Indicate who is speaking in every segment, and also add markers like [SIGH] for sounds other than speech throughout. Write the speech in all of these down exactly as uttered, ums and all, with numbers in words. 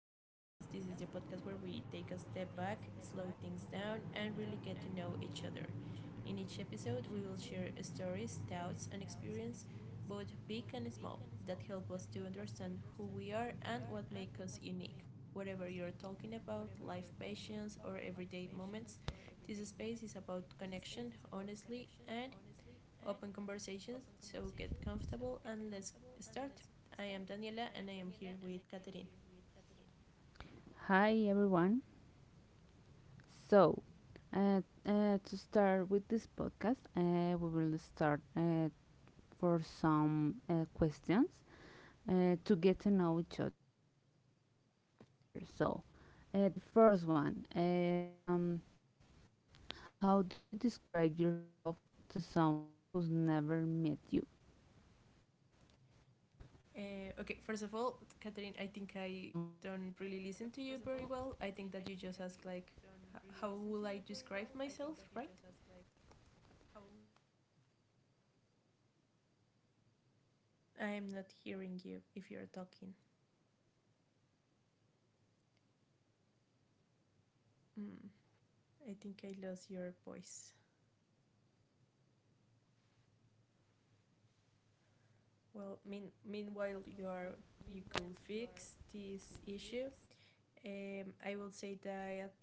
Speaker 1: our podcast. This is the podcast where we take a step back, slow things down, and really get to know each other. In each episode, we will share stories, doubts, and experience, both big and small, that help us to understand who we are and what makes us unique. Whatever you're talking about, life passions, or everyday moments, this space is about connection, honestly, and open conversations, so get comfortable and let's start. I am Daniela and I am here with Catherine.
Speaker 2: Hi everyone. So, uh, uh, to start with this podcast, uh, we will start uh, for some uh, questions uh, to get to know each other. So, uh, the first one: uh, um, how do you describe yourself to someone who's never met you?
Speaker 1: Uh, okay, first of all, Catherine, I think I don't really listen to you very well. I think that you just ask like, how will I describe myself, right?
Speaker 2: Um, I, I can repeat the question if you
Speaker 1: I am not
Speaker 2: haven't like
Speaker 1: hearing
Speaker 2: uh,
Speaker 1: you if you're
Speaker 2: listened.
Speaker 1: talking.
Speaker 2: Oh, give me a moment.
Speaker 1: Mm, I think I lost your voice.
Speaker 2: Uh, can you hear me?
Speaker 1: Well, mean meanwhile you are you could fix this issue. Um, I will say that,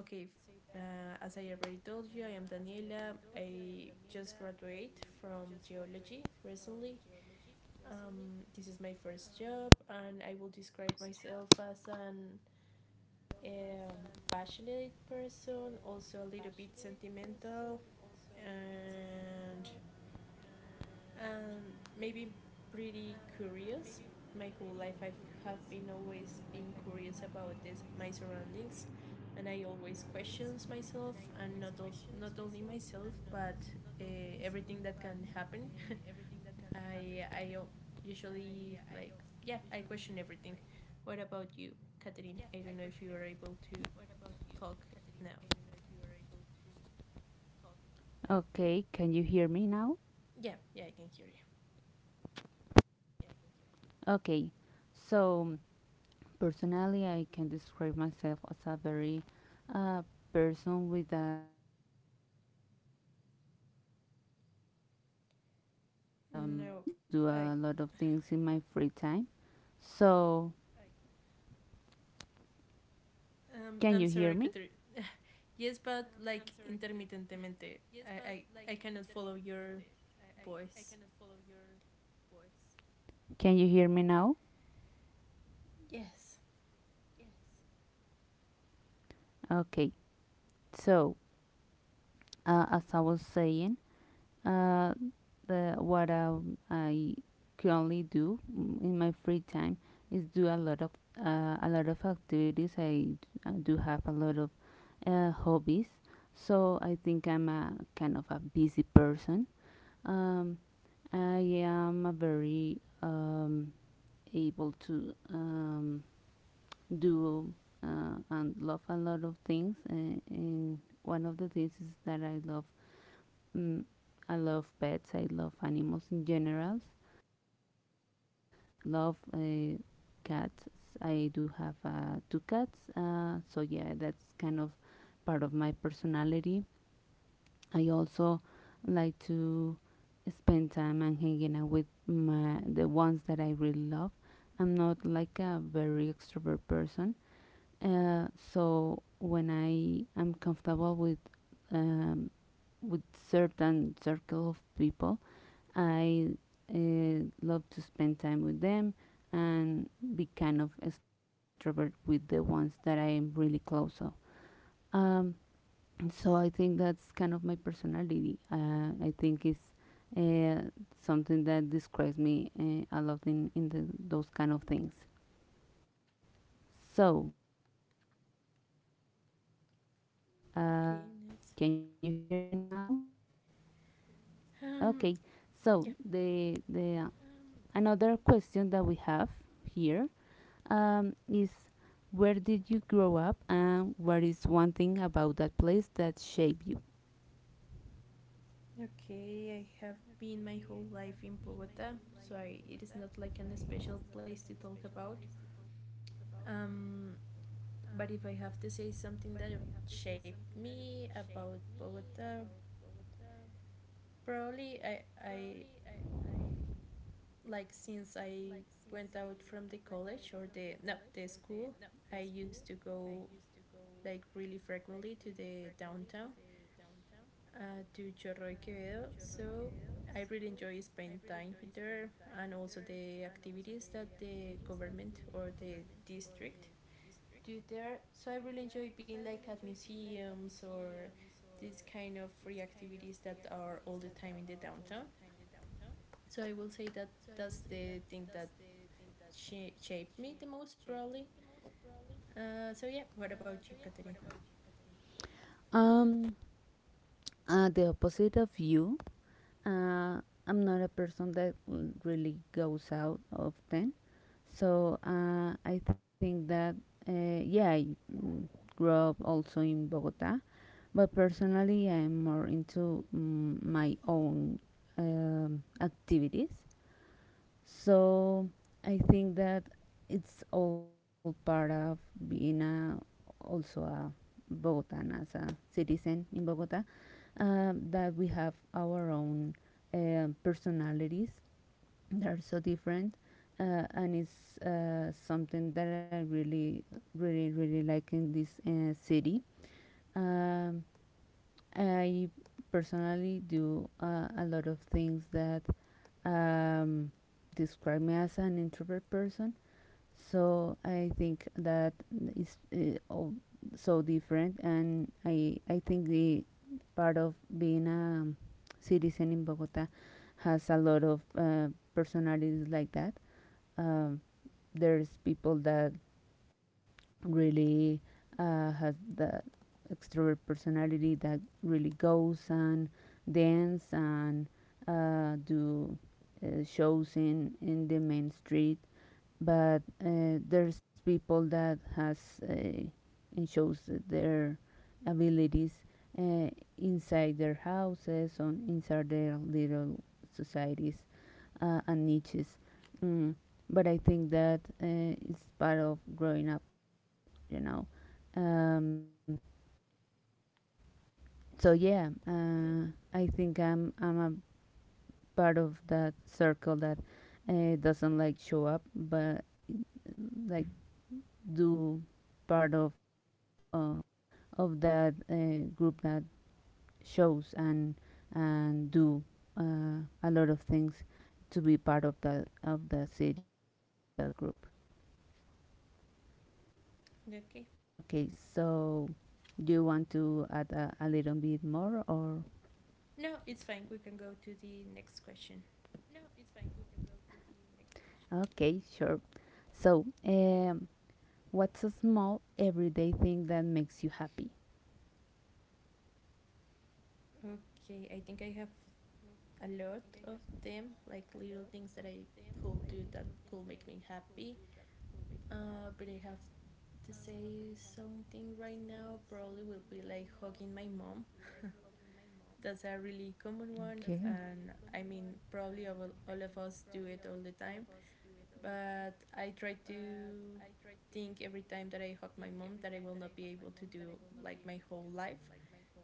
Speaker 1: okay, uh, as I already told you, I am Daniela. I just graduated from geology recently. Um, this is my first job, and I will describe myself as an um, passionate person, also a little bit sentimental, and and maybe pretty curious. My whole life I have been always been curious about this my surroundings, and I always questions myself and not also, not only myself but uh, everything that can happen. [LAUGHS] I I usually like yeah I question everything. What about you, Catherine? I don't know if you are able to talk now.
Speaker 2: Okay, can you hear me now?
Speaker 1: Yeah, yeah, I can hear you.
Speaker 2: Okay, so personally, I can describe myself as a very uh, person with um, a lot of that do a lot of activities. I I
Speaker 1: No,
Speaker 2: like to do
Speaker 1: I.
Speaker 2: a lot of things in my free time. So,
Speaker 1: Um, I'm
Speaker 2: can you
Speaker 1: sorry,
Speaker 2: hear me?
Speaker 1: Catherine. [LAUGHS] Yes, but like intermittently, I, I, I cannot follow your voice.
Speaker 2: Can you hear me now?
Speaker 1: Yes.
Speaker 2: Okay, so uh, as I was saying, uh, the what I, I currently do in my free time is do a lot of uh, a lot of activities. I, I do have a lot of uh, hobbies, so I think I'm a kind of a busy person. Um, I am a very um, able to um, do uh, and love a lot of things, uh, and one of the things is that I love Mm, I love pets. I love animals in general. Um, I love uh, cats. I do have uh, two cats. Uh, so yeah, that's kind of part of my personality. I also like to spend time and hanging out with my, the ones that I really love. I'm not like a very extrovert person. Uh, so when I am comfortable with um, with certain circle of people, I uh, love to spend time with them and be kind of extrovert with the ones that I am really close of. Um, so I think that's kind of my personality. Uh, I think it's uh, something that describes me uh, a lot in, in the, those kind of things. So, um, can you hear me
Speaker 1: Okay,
Speaker 2: now?
Speaker 1: nice.
Speaker 2: Okay, so
Speaker 1: Um,
Speaker 2: the the uh,
Speaker 1: yeah.
Speaker 2: another question that we have here um, is where did you grow up and what is one thing about that place that shaped you?
Speaker 1: Okay, I have been my whole life in Bogota, so I, it is not like an special place to talk about. Um, but if I have to say something that shaped me about Bogota, probably I, I like since I went out from the college or the no the school, I used to go like really frequently to the downtown uh, to Chorro Quevedo. So I really enjoy spending time there and also the activities that the government or the district do there. So I really enjoy being like at museums or these kind of free activities that are all the time in the downtown. So I will say that that's the thing that sh- shaped me the most probably. Uh, so yeah, what about you, Catherine?
Speaker 2: Um, uh, the opposite of you. Uh, I'm not a person that l- really goes out often, so uh, I think that uh, yeah, I mm, grew up also in Bogota. But personally, I'm more into mm, my own um, activities. So I think that it's all part of being a, also a Bogotan as a citizen in Bogota, um, that we have our own um personalities that are so different. Uh, and it's uh, something that I really, really, really like in this uh, city. Um, I personally do uh, a lot of things that um, describe me as an introvert person. So I think that is uh, all so different, and I I think the part of being a citizen in Bogota has a lot of uh, personalities like that. Um, there's people that really uh, has the extrovert personality that really goes and dance and uh, do uh, shows in, in the main street, but uh, there's people that has uh, and shows their abilities uh, inside their houses on inside their little societies uh, and niches. Mm, but I think that uh, it's part of growing up, you know. Um, so yeah, uh, I think I'm I'm a part of that circle that uh, doesn't like show up, but like do part of uh, of that uh, group that shows and and do uh, a lot of things to be part of that of the city of that group. Okay,
Speaker 1: Okay.
Speaker 2: so do you want to add a, a little bit more or?
Speaker 1: No, it's fine. We can go to the next question.
Speaker 2: Okay, sure. So, um, what's a small everyday thing that makes you happy?
Speaker 1: Okay, I think I have a lot of them, like little things that I could do that could make me happy. Uh, but I have to say something right now. Probably will be like hugging my mom. That's a really common one, and I mean,
Speaker 2: That's okay.
Speaker 1: probably all, all of us do it all the time. But I try to think every time that I hug my mom that I will not be able to do like my whole life.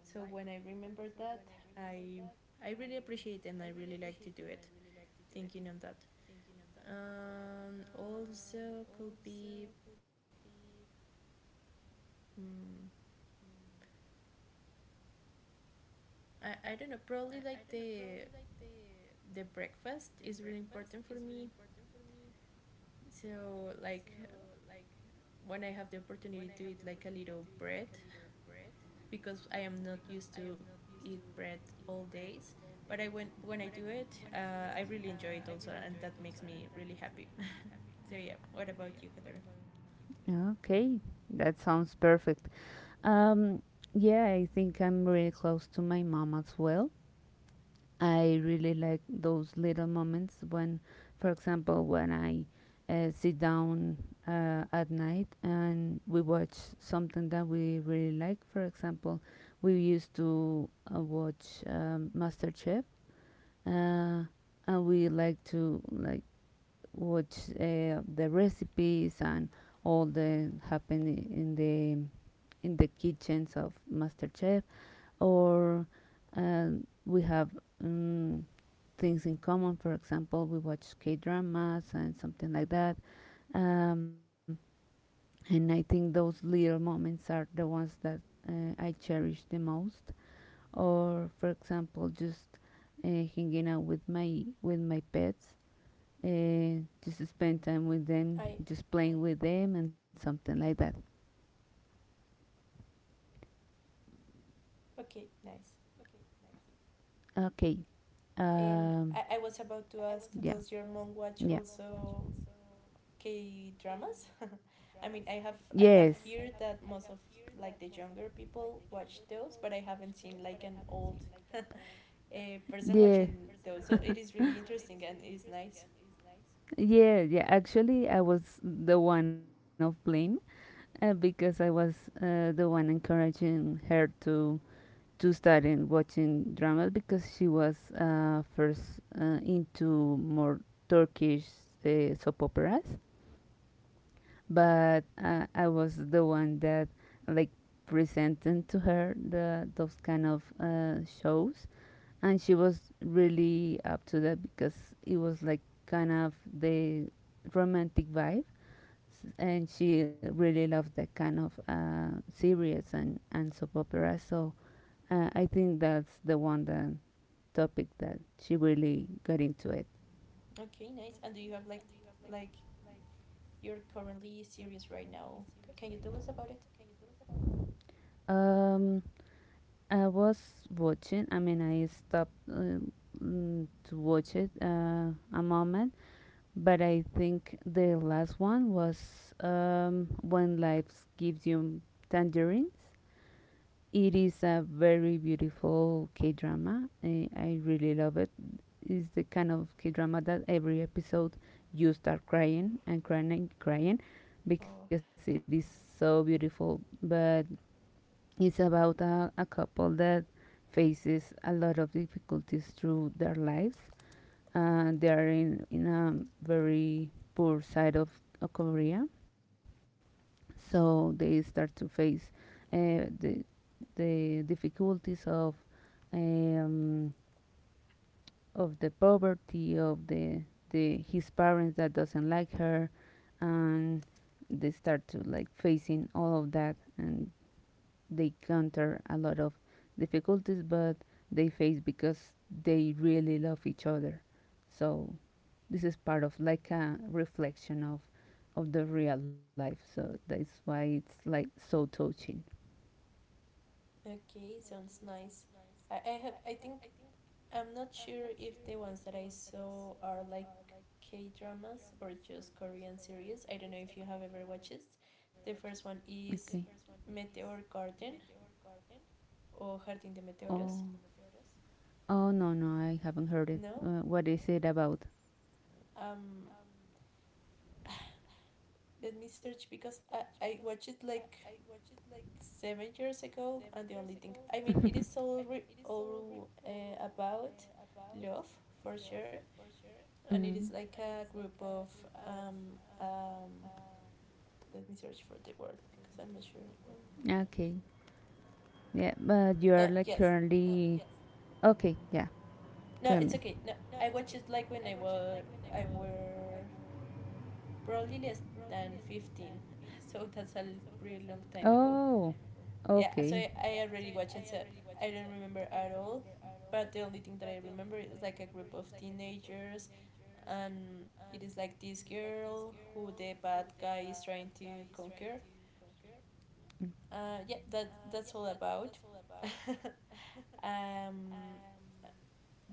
Speaker 1: So when I remember that, I I really appreciate it and I really like to do it. Thinking on that, um, also could be mm I I don't know probably like the the breakfast is really important for me. So like when I have the opportunity to eat like a little bread because I am not used to eat bread all days. But I when when I do it, uh, I really enjoy it also, and that makes me really happy. [LAUGHS] So yeah, what about
Speaker 2: [LAUGHS]
Speaker 1: you, Catherine?
Speaker 2: Okay, that sounds perfect. Um, yeah, I think I'm really close to my mom as well. I really like those little moments when, for example, when I uh, sit down uh, at night and we watch something that we really like. For example, we used to uh, watch um, MasterChef, uh, and we like to like watch uh, the recipes and all the happening in the in the kitchens of MasterChef, or uh, we have um, things in common. For example, we watch K dramas and something like that. Um, and I think those little moments are the ones that uh, I cherish the most. Or, for example, just uh, hanging out with my with my pets, uh,
Speaker 1: I.
Speaker 2: just spend time with them, just playing with them, and something like that.
Speaker 1: Okay, nice.
Speaker 2: Okay.
Speaker 1: And
Speaker 2: Um,
Speaker 1: I, I was about to ask,
Speaker 2: yeah.
Speaker 1: does your mom watch
Speaker 2: Yeah.
Speaker 1: also K dramas? [LAUGHS] I mean, I have I have
Speaker 2: Yes.
Speaker 1: heard that most of like the younger people watch those, but I haven't seen like an old [LAUGHS] a person
Speaker 2: Yeah,
Speaker 1: watching those. So it is really interesting and it's nice.
Speaker 2: yeah, yeah. Actually, I was the one of blame uh, because I was uh, the one encouraging her to to start in watching dramas because she was uh, first uh, into more Turkish uh, soap operas. But uh, I was the one that like presented to her the those kind of uh, shows, and she was really up to that because it was like kind of the romantic vibe. S- and she really loved that kind of uh, series and, and soap opera, so uh, I think that's the one that
Speaker 1: Okay,
Speaker 2: topic
Speaker 1: nice.
Speaker 2: that
Speaker 1: And do you
Speaker 2: she
Speaker 1: have like
Speaker 2: really got
Speaker 1: like
Speaker 2: into it.
Speaker 1: you're currently series right now? C- Can you tell us about it?
Speaker 2: Um, i was watching, I mean, I stopped uh, mm, to watch it uh, a moment. But I think the last one was um, When Life Gives You Tangerines. It is a very beautiful K drama. I, I really love it. It's the kind of K drama that every episode you start crying and crying and crying because
Speaker 1: Oh,
Speaker 2: it is so beautiful. But it's about a, a couple that faces a lot of difficulties through their lives. Uh, they are in, in a very poor side of, of Korea, so they start to face uh, the the difficulties of um, of the poverty of the the parents that doesn't like her, and they start to like facing all of that, and they counter a lot of difficulties, but they face because they really love each other. So this is part of like a reflection of of the real life. So that's why it's like so touching.
Speaker 1: okay, sounds nice. I, I have I think I'm not sure if the ones that I saw are like K dramas or just Korean series. I don't know if you have ever watched it. The first one
Speaker 2: Okay.
Speaker 1: is Meteor Garden or Jardín de Meteoros.
Speaker 2: Oh no, no, I haven't heard it.
Speaker 1: No?
Speaker 2: Uh, what is it about?
Speaker 1: Um, let me search because I, I watched it like seven years ago and the only thing I mean it
Speaker 2: [LAUGHS]
Speaker 1: is
Speaker 2: [LAUGHS]
Speaker 1: all, re- all uh, about love for sure and it is like
Speaker 2: Mm.
Speaker 1: a group of um, um, let me search for the word because I'm not sure.
Speaker 2: Yeah, but you are
Speaker 1: No,
Speaker 2: like. Uh,
Speaker 1: yes.
Speaker 2: currently. Okay, yeah.
Speaker 1: No,
Speaker 2: Tell
Speaker 1: it's
Speaker 2: me.
Speaker 1: okay. No, I watched it like when I was I were probably less than fifteen, [LAUGHS] so that's a
Speaker 2: [LAUGHS]
Speaker 1: pretty long time ago. Yeah, so
Speaker 2: Okay.
Speaker 1: I, I already watched it. So I don't remember at all. But the only thing that I remember is like a group of teenagers, and it is like this girl who the bad guy is trying to conquer.
Speaker 2: Mm.
Speaker 1: Uh, yeah, that that's all about. [LAUGHS] Um,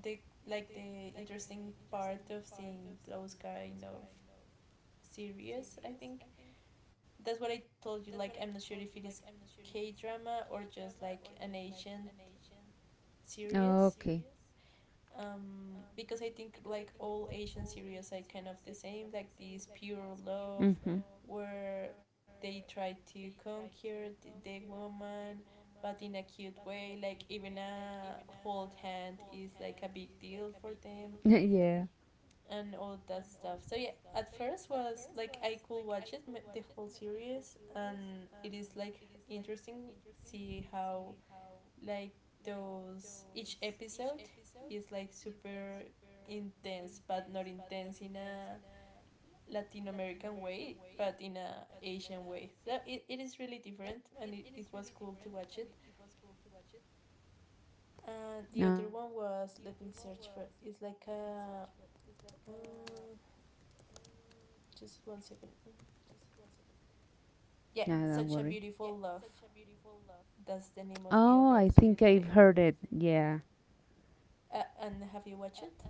Speaker 1: the like the interesting part of seeing those kind of series, I think that's what I told you. Like I'm not sure if it is K drama or just like an Asian series,
Speaker 2: The
Speaker 1: um, because I think like all Asian series are kind of the same, like this pure love where they try to conquer the, the woman but in a cute way, like even a hold hand is like a big deal for them
Speaker 2: [LAUGHS]
Speaker 1: and all that stuff. So yeah, at first was like I could watch it the whole series, and it is like interesting, see how like those each episode is like super intense, but not intense in a Latin American way, but in a Asian way. So it, it is really different, and it, it was cool to watch it. And the other one was, let me search for it. It's like a. Uh, just one second. Yeah,
Speaker 2: No, don't
Speaker 1: Such a
Speaker 2: worry.
Speaker 1: Beautiful Love. That's the name of the
Speaker 2: Oh, I
Speaker 1: other
Speaker 2: think
Speaker 1: series that
Speaker 2: I've
Speaker 1: I.
Speaker 2: heard it. Yeah.
Speaker 1: Uh, and have you watched it?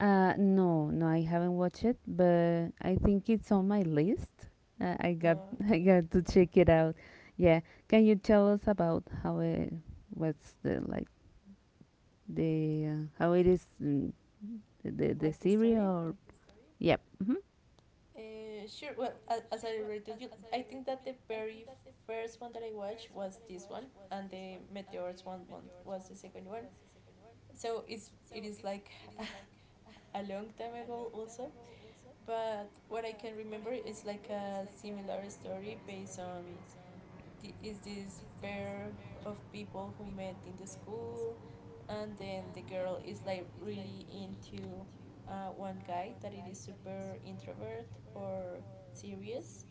Speaker 2: Uh, no, no, I haven't watched it, but I think it's on my list. Uh, I got,
Speaker 1: No,
Speaker 2: [LAUGHS] I
Speaker 1: okay.
Speaker 2: got to check it out. Yeah. Can you tell us about how it, what's the like the uh, how it is mm, the the
Speaker 1: Like the
Speaker 2: series
Speaker 1: story?
Speaker 2: or. Yep. Mm-hmm.
Speaker 1: Uh, sure. Well, as, as I already told you, I think that the very first one that I watched was this one, and the meteors one, one was the second one. So it's it is like [LAUGHS] a long time ago also. But what I can remember is like a similar story based on th- is this pair of people who met in the school, and then the girl is like really into uh, one guy that it is super introvert or serious,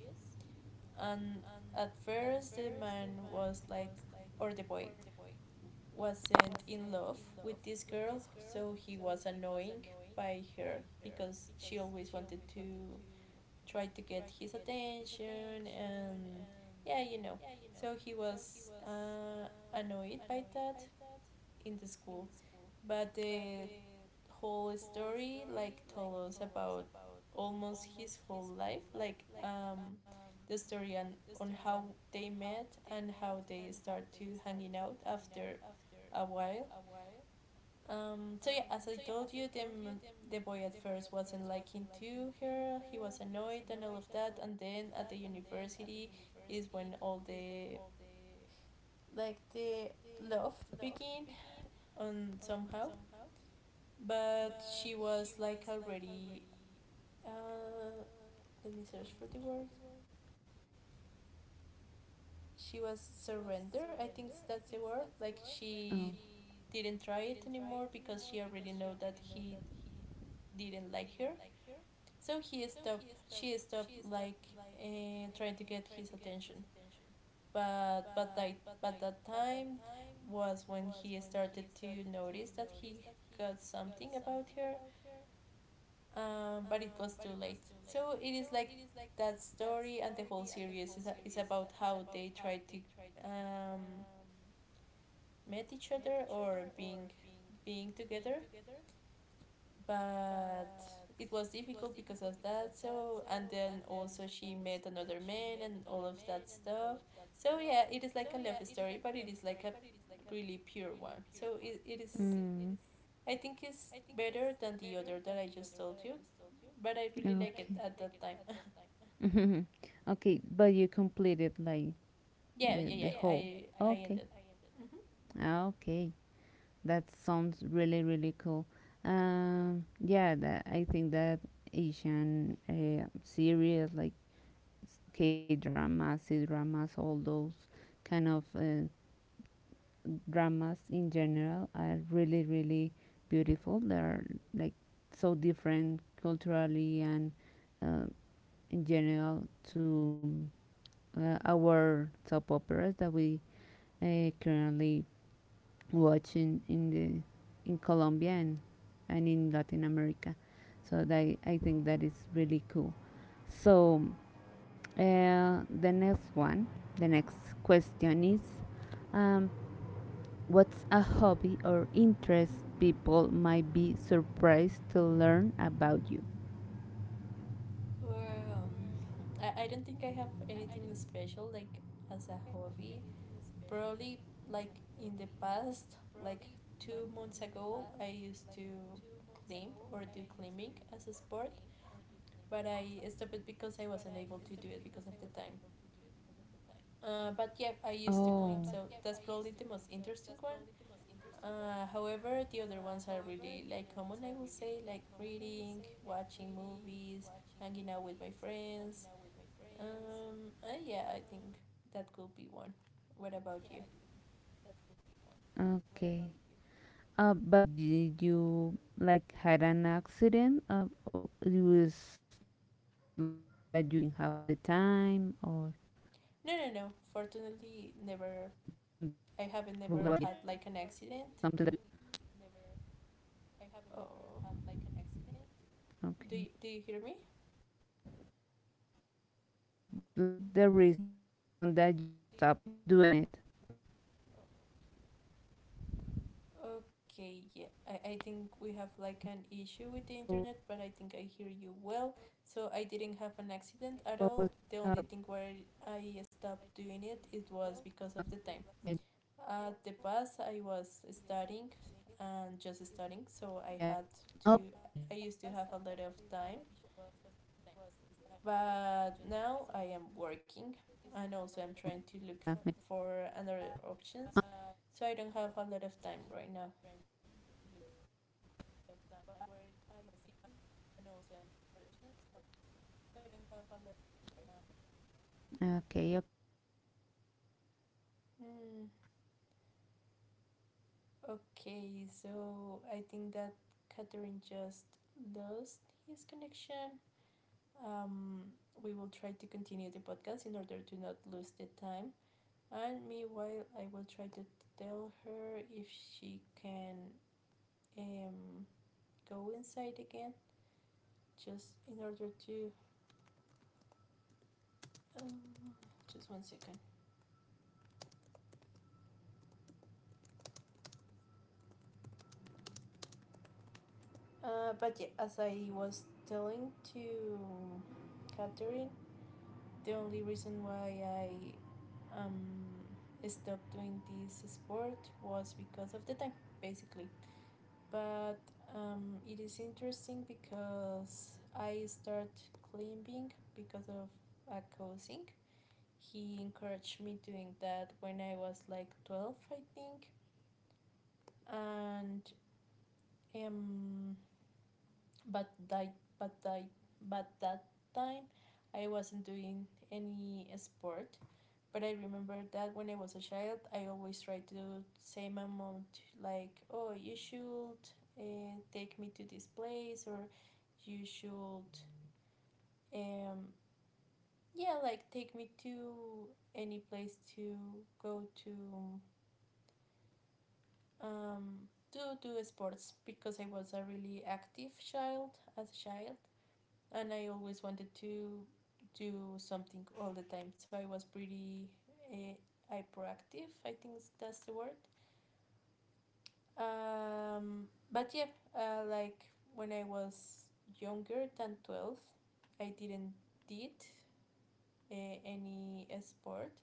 Speaker 1: and at first the man was like or the boy wasn't in love with this girl, so he was annoying by her because she always wanted to try to get his attention and, yeah, you know, so he was uh, annoyed by that in the school. But the whole story like told us about almost his whole life, like, um, the story on on how they met and how they start to hanging out after a while. Um, so yeah, as I told you, the m- the boy at first wasn't liking to her. He was annoyed and all of that, and then at the university is when all the like the love begin on somehow. But she was like already. Uh, let me search for the word. She was surrender. I think that's the word. Like she didn't try it anymore because she already know that
Speaker 2: Oh.
Speaker 1: he didn't like her. So he stopped. She stopped, like uh, trying to get his attention. But but that but that time was when he started to notice that he got something about her. Um, but it was too late. So it is like that story, and the whole series is, is about how they tried to um, met each other or being being together, but it was difficult because of that. So and then also she met another man and all of that stuff. So yeah, it is like a love story, but it is like a really pure one. So it, it is, I think it's better than the other that I just told you, but I really
Speaker 2: But
Speaker 1: like it at that
Speaker 2: [LAUGHS]
Speaker 1: time.
Speaker 2: [LAUGHS] okay, but you completed like
Speaker 1: [LAUGHS] yeah
Speaker 2: the
Speaker 1: yeah
Speaker 2: the.
Speaker 1: yeah i i ended. Mm-hmm.
Speaker 2: Ah, okay. That sounds really really cool. Um, yeah, that I think that Asian uh, series like K dramas, C dramas, all those kind of uh, dramas in general are really, really beautiful. They're like so different culturally and uh, in general to uh, our soap operas that we uh, currently watch in, in the in Colombia and, and in Latin America. So that, I think that is really cool. So, Uh, the next one, the next question is um, what's a hobby or interest people might be surprised to learn about you?
Speaker 1: Well, um, I, I don't think I have anything special like as a hobby. Probably like in the past, like two months ago, I used to climb or do climbing as a sport, but I stopped it because I wasn't able to do it because of the time. Uh, but yeah, I used to climb, so that's probably the most
Speaker 2: Oh,
Speaker 1: interesting one. Uh, however, the other ones are really like common, I will say, like reading, watching movies, hanging out with my friends. Um, uh, yeah, I think that could be one. What about you?
Speaker 2: okay. Uh, but did you like had an accident? Uh, or it was like something that you didn't have the time, or
Speaker 1: No, no, no. Fortunately, never.
Speaker 2: what was?
Speaker 1: I haven't never had like an accident. Oh,
Speaker 2: Okay.
Speaker 1: do you, do you hear me?
Speaker 2: Uh, but what was like the reason that you stopped doing it?
Speaker 1: Okay, yeah. I, I think we have like an issue with the internet, but I think I hear you well. So I didn't have an accident at all. The only thing where I stopped doing it it was because of the
Speaker 2: Yeah, me
Speaker 1: time.
Speaker 2: too.
Speaker 1: At the past, I was studying and just studying, so I had to
Speaker 2: Okay.
Speaker 1: I used to have a lot of time. But now I am working, and also I'm trying to look f- for another options. So I don't have a lot of time right now.
Speaker 2: Okay, okay.
Speaker 1: Mm, Okay, so I think that Catherine just lost his connection. Um, we will try to continue the podcast in order to not lose the time. And meanwhile, I will try to tell her if she can um, go inside again, just in order to Um, just one second. Uh, but yeah, as I was telling to Catherine, the only reason why I um stopped doing this sport was because of the time, basically. But um, it is interesting because I start climbing because of a cousin. He encouraged me doing that when I was like twelve, I think, and um but that but that but that time I wasn't doing any sport. But I remember that when I was a child, I always tried to do the same amount, like, oh, you should uh, take me to this place, or you should, um, yeah, like take me to any place to go to, um, to do sports because I was a really active child as a child. And I always wanted to do something all the time. So I was pretty uh, hyperactive. I think that's the word. Um, but yeah, uh, like when I was younger than twelve, I didn't did uh, any sport.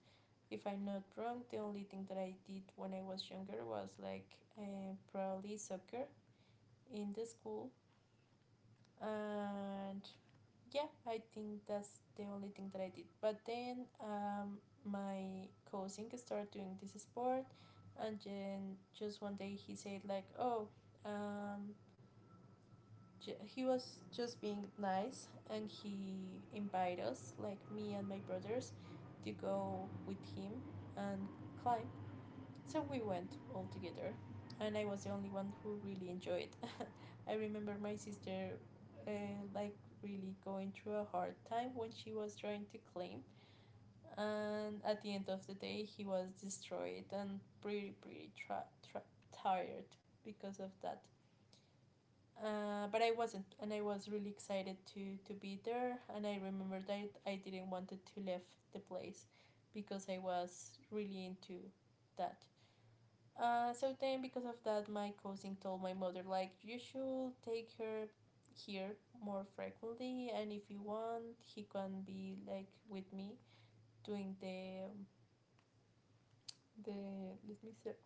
Speaker 1: If I'm not wrong, the only thing that I did when I was younger was like uh, probably soccer in the school. And yeah, I think that's the only thing that I did. But then um, my cousin started doing this sport, and then just one day he said, like, oh, um, ju- he was just being nice, and he invited us, like me and my brothers, to go with him and climb. So we went all together, and I was the only one who really enjoyed. I remember my sister uh, like really going through a hard time when she was trying to claim, and at the end of the day he was destroyed and pretty pretty tra- tra- tired because of that. Uh, but I wasn't, and I was really excited to to be there. And I remember that I didn't wanted to leave the place because I was really into that. Uh, so then, because of that, my cousin told my mother, like, you should take her here more frequently, and if you want, he can be like with me doing the the let me se-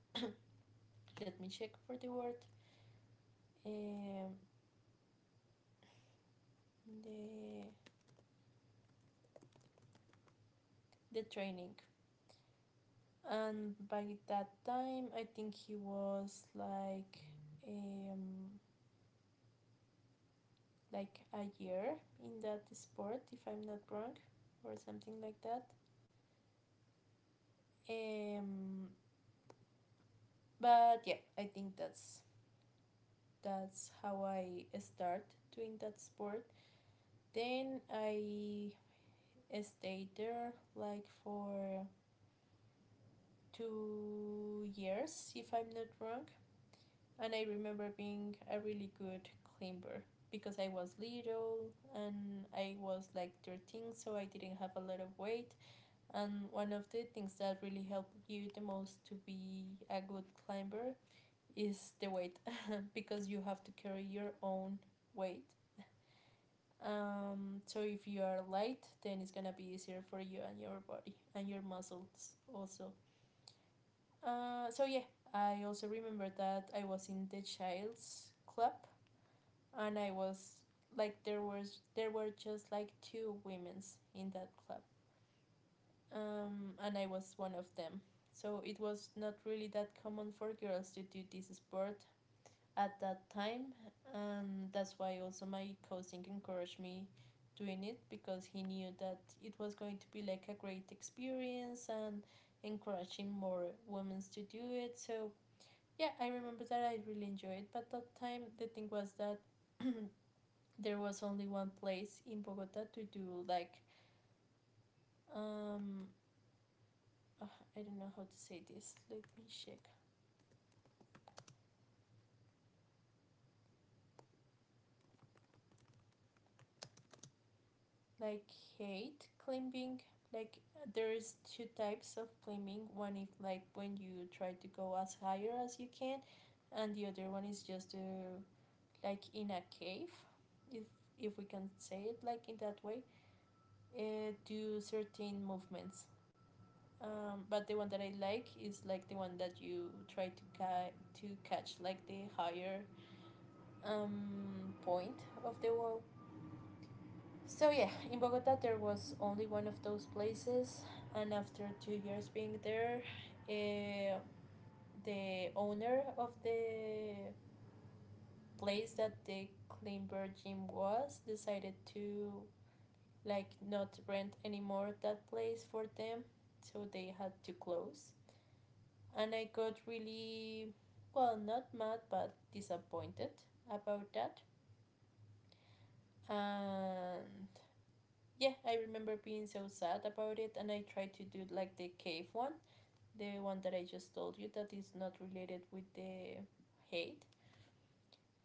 Speaker 1: let me check for the word, um the the training. And by that time, I think he was like um like a year in that sport, if I'm not wrong, or something like that. Um, But yeah, I think that's that's how I start doing that sport. Then I stayed there like for two years, if I'm not wrong. And I remember being a really good climber because I was little and I was like thirteen, so I didn't have a lot of weight. And one of the things that really help you the most to be a good climber is the weight, because you have to carry your own weight. Um, so if you are light, then it's gonna be easier for you and your body and your muscles also. Uh, so yeah, I also remember that I was in the child's club, and I was like there was there were just like two women's in that club. Um, and I was one of them. So it was not really that common for girls to do this sport at that time, and that's why also my cousin encouraged me doing it, because he knew that it was going to be like a great experience and encouraging more women to do it. So yeah, I remember that I really enjoyed it. But that time the thing was that [CLEARS THROAT] there was only one place in Bogota to do like um uh, I don't know how to say this, let me check, like hate climbing. Like, there is two types of climbing. One is like when you try to go as higher as you can, and the other one is just to, like, in a cave, if if we can say it like in that way, uh, do certain movements. Um, but the one that I like is like the one that you try to ca- to catch like the higher um, point of the wall. So yeah, in Bogota there was only one of those places, and after two years being there, uh, the owner of the place that the Kleinberg gym was decided to, like, not rent anymore that place for them, so they had to close. And I got really, well, not mad but disappointed about that. And yeah, I remember being so sad about it, and I tried to do like the cave one, the one that I just told you that is not related with the hate.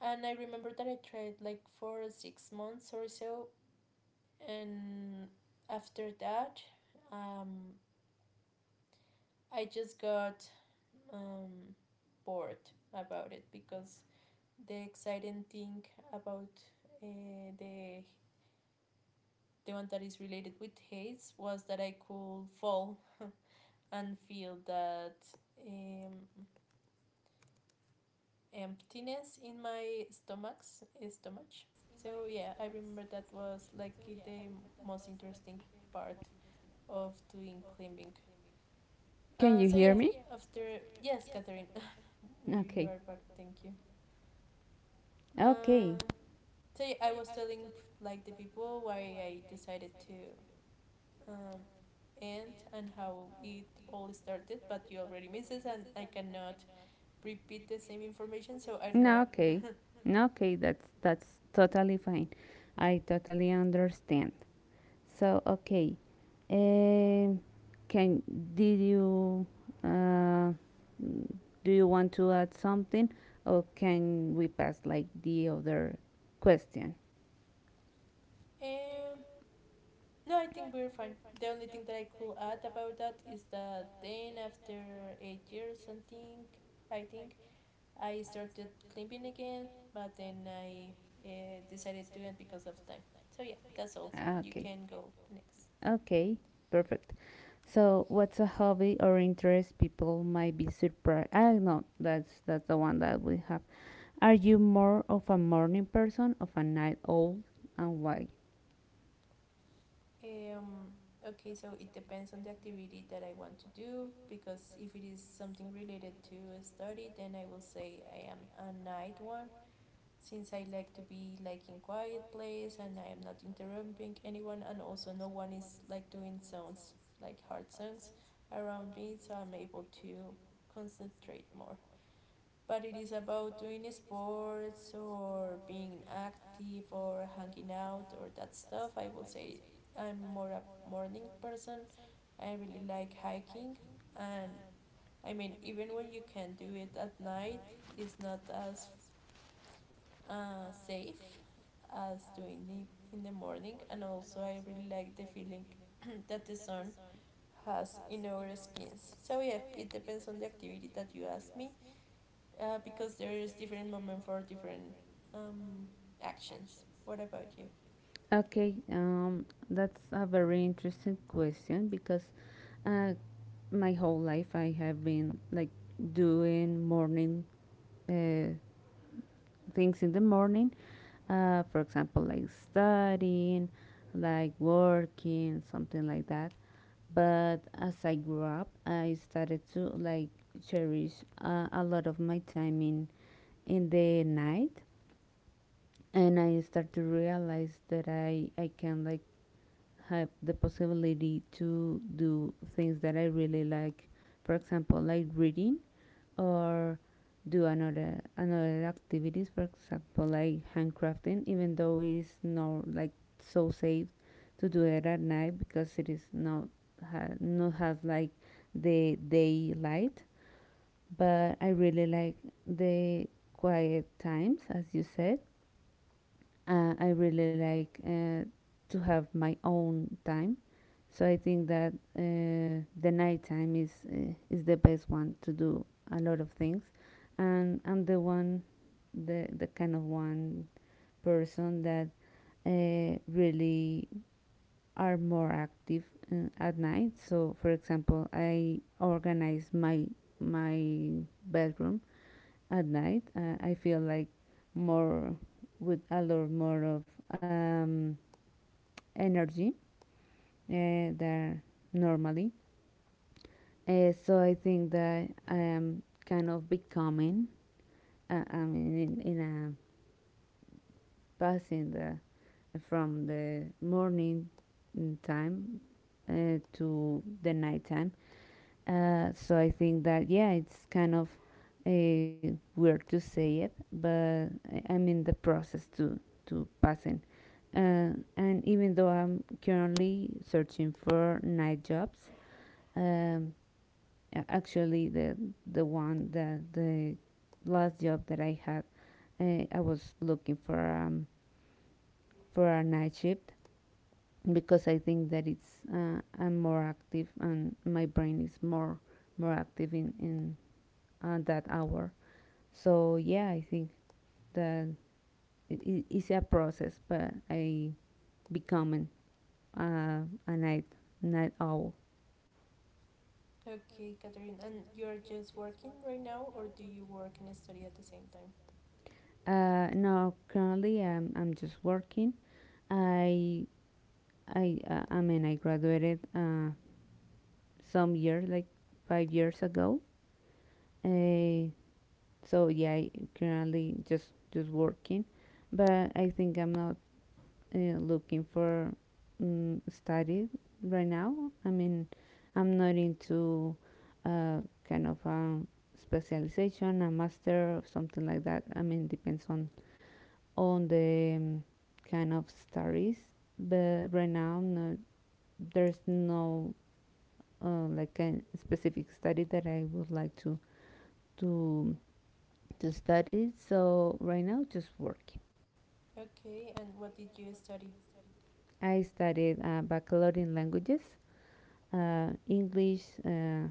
Speaker 1: And I remember that I tried like for six months or so, and after that, um, I just got um, bored about it because the exciting thing about uh, the the one that is related with haze was that I could fall and feel that um, emptiness in my stomachs eh, stomach. So yeah, I remember that was like the most interesting part of doing climbing.
Speaker 2: Can
Speaker 1: Uh,
Speaker 2: you
Speaker 1: so
Speaker 2: hear
Speaker 1: yeah,
Speaker 2: me?
Speaker 1: after, yes, Catherine, [LAUGHS] you
Speaker 2: Okay.
Speaker 1: are back. Thank you.
Speaker 2: Okay.
Speaker 1: Uh, so yeah, I was telling like the people why I decided to um, end and how it all started, but you already missed it, and I cannot repeat the same information. So I don't know
Speaker 2: No,
Speaker 1: what.
Speaker 2: okay. No, okay, that's that's totally fine. I totally understand. So, okay. Um can did you uh, mm, do you want to add something or can we pass like the other question?
Speaker 1: Um, no, I think we're fine. The only thing that I could add about that is that then after eight years, something, I think I started climbing again, but then I uh, decided to end because of time. So yeah, that's all.
Speaker 2: Ah,
Speaker 1: You
Speaker 2: okay.
Speaker 1: can go next.
Speaker 2: Okay, perfect. So, what's a hobby or interest people might be surprised? I know that's that's the one that we have. Are you more of a morning person, of a night owl, and why?
Speaker 1: Um, okay, so it depends on the activity that I want to do, because if it is something related to a study, then I will say I am a night one, since I like to be like in quiet place and I am not interrupting anyone, and also no one is like doing sounds like hard songs around me, so I'm able to concentrate more. But it is about doing sports or being active or hanging out or that stuff, I will say I'm more a morning person. I really like hiking, and I mean, even when you can do it at night, it's not as uh, safe as doing it in the morning. And also, I really like the feeling [CLEARS THROAT] that the sun has in our skins. So yeah, it depends on the activity that you ask me, uh, because there is different moment for different um, actions. What about you?
Speaker 2: Okay, um, that's a very interesting question because, uh, my whole life I have been like doing morning uh, things in the morning. Uh, for example, like studying, like working, something like that. But as I grew up, I started to like cherish uh, a lot of my time in in the night, and I start to realize that I I can like have the possibility to do things that I really like. For example, like reading, or do another another activities, for example like handcrafting, even though it is not like so safe to do it at night because it is not ha, not has like the daylight. But I really like the quiet times, as you said. uh, I really like uh, to have my own time. So I think that uh, the nighttime is uh, is the best one to do a lot of things, and I'm the one, the the kind of one person that uh, really are more active uh, at night. So for example, I organize my my bedroom at night. Uh, I feel like more with a lot more of um, energy uh, than normally. Uh, so I think that I am kind of becoming. Uh, I mean, in, in a passing the from the morning mm, time to the night time. Uh, so I think that yeah, it's kind of uh, weird to say it, but I- I'm in the process to to passing. Uh, and even though I'm currently searching for night jobs, um, a- actually, the the one that the last job that I had, uh, I was looking for um for a night shift because I think that it's uh, I'm more active and my brain is more more active in in uh, that hour. So yeah, I think that it, it- it's a process, but I becoming uh, a night night owl.
Speaker 1: Okay, Catherine, and you're just working right now, or do you work and study at the same time?
Speaker 2: Uh, no, currently I'm I'm just working. I I uh, I mean I graduated uh, some year like five years ago. Uh, so yeah, I currently just just working, but I think I'm not uh, looking for um, study right now. I mean, I'm not into uh, kind of um, specialization, a master or something like that. I mean, depends on on the um, kind of studies. But right now, I'm not, there's no uh, like a specific study that I would like to to to study. So right now, just working.
Speaker 1: Okay, and what did you study?
Speaker 2: I studied uh, baccalaureate in languages, uh, English, uh,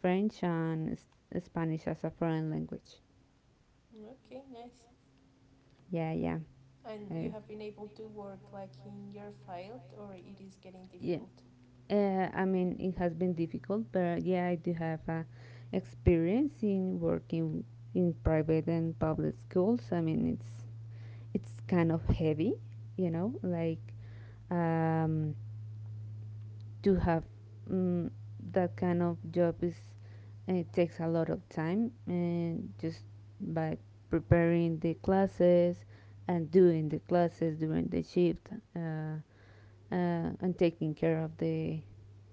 Speaker 2: French, and s- Spanish as a foreign language.
Speaker 1: Okay, nice.
Speaker 2: Yeah, yeah,
Speaker 1: And you
Speaker 2: I,
Speaker 1: have been able to work like in your field, or it is getting
Speaker 2: yeah.
Speaker 1: difficult?
Speaker 2: Uh, I mean, it has been difficult, but yeah, I do have uh, experience in working in private and public schools. I mean, it's it's kind of heavy, you know, like um, to have mm, that kind of job is it takes a lot of time and just by preparing the classes and doing the classes during the shift uh, uh, and taking care of the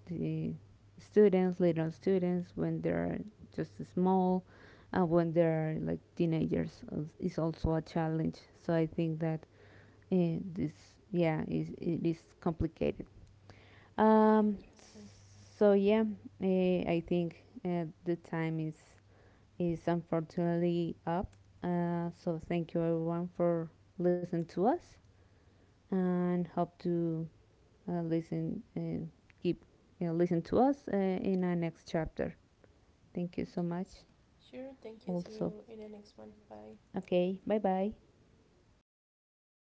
Speaker 2: the students, little students when they're just small and when they're like teenagers uh, is also a challenge. So I think that Eh, this yeah is it is complicated,
Speaker 1: I
Speaker 2: um
Speaker 1: understand.
Speaker 2: so yeah eh, I think uh, the time is is unfortunately up. Uh, so thank you everyone for listening to us, and hope to uh, listen uh, keep, you know, listen to us uh, in our next chapter. Thank you so much.
Speaker 1: Sure, thank you. See
Speaker 2: Also,
Speaker 1: you in the next one. Bye.
Speaker 2: okay, bye bye.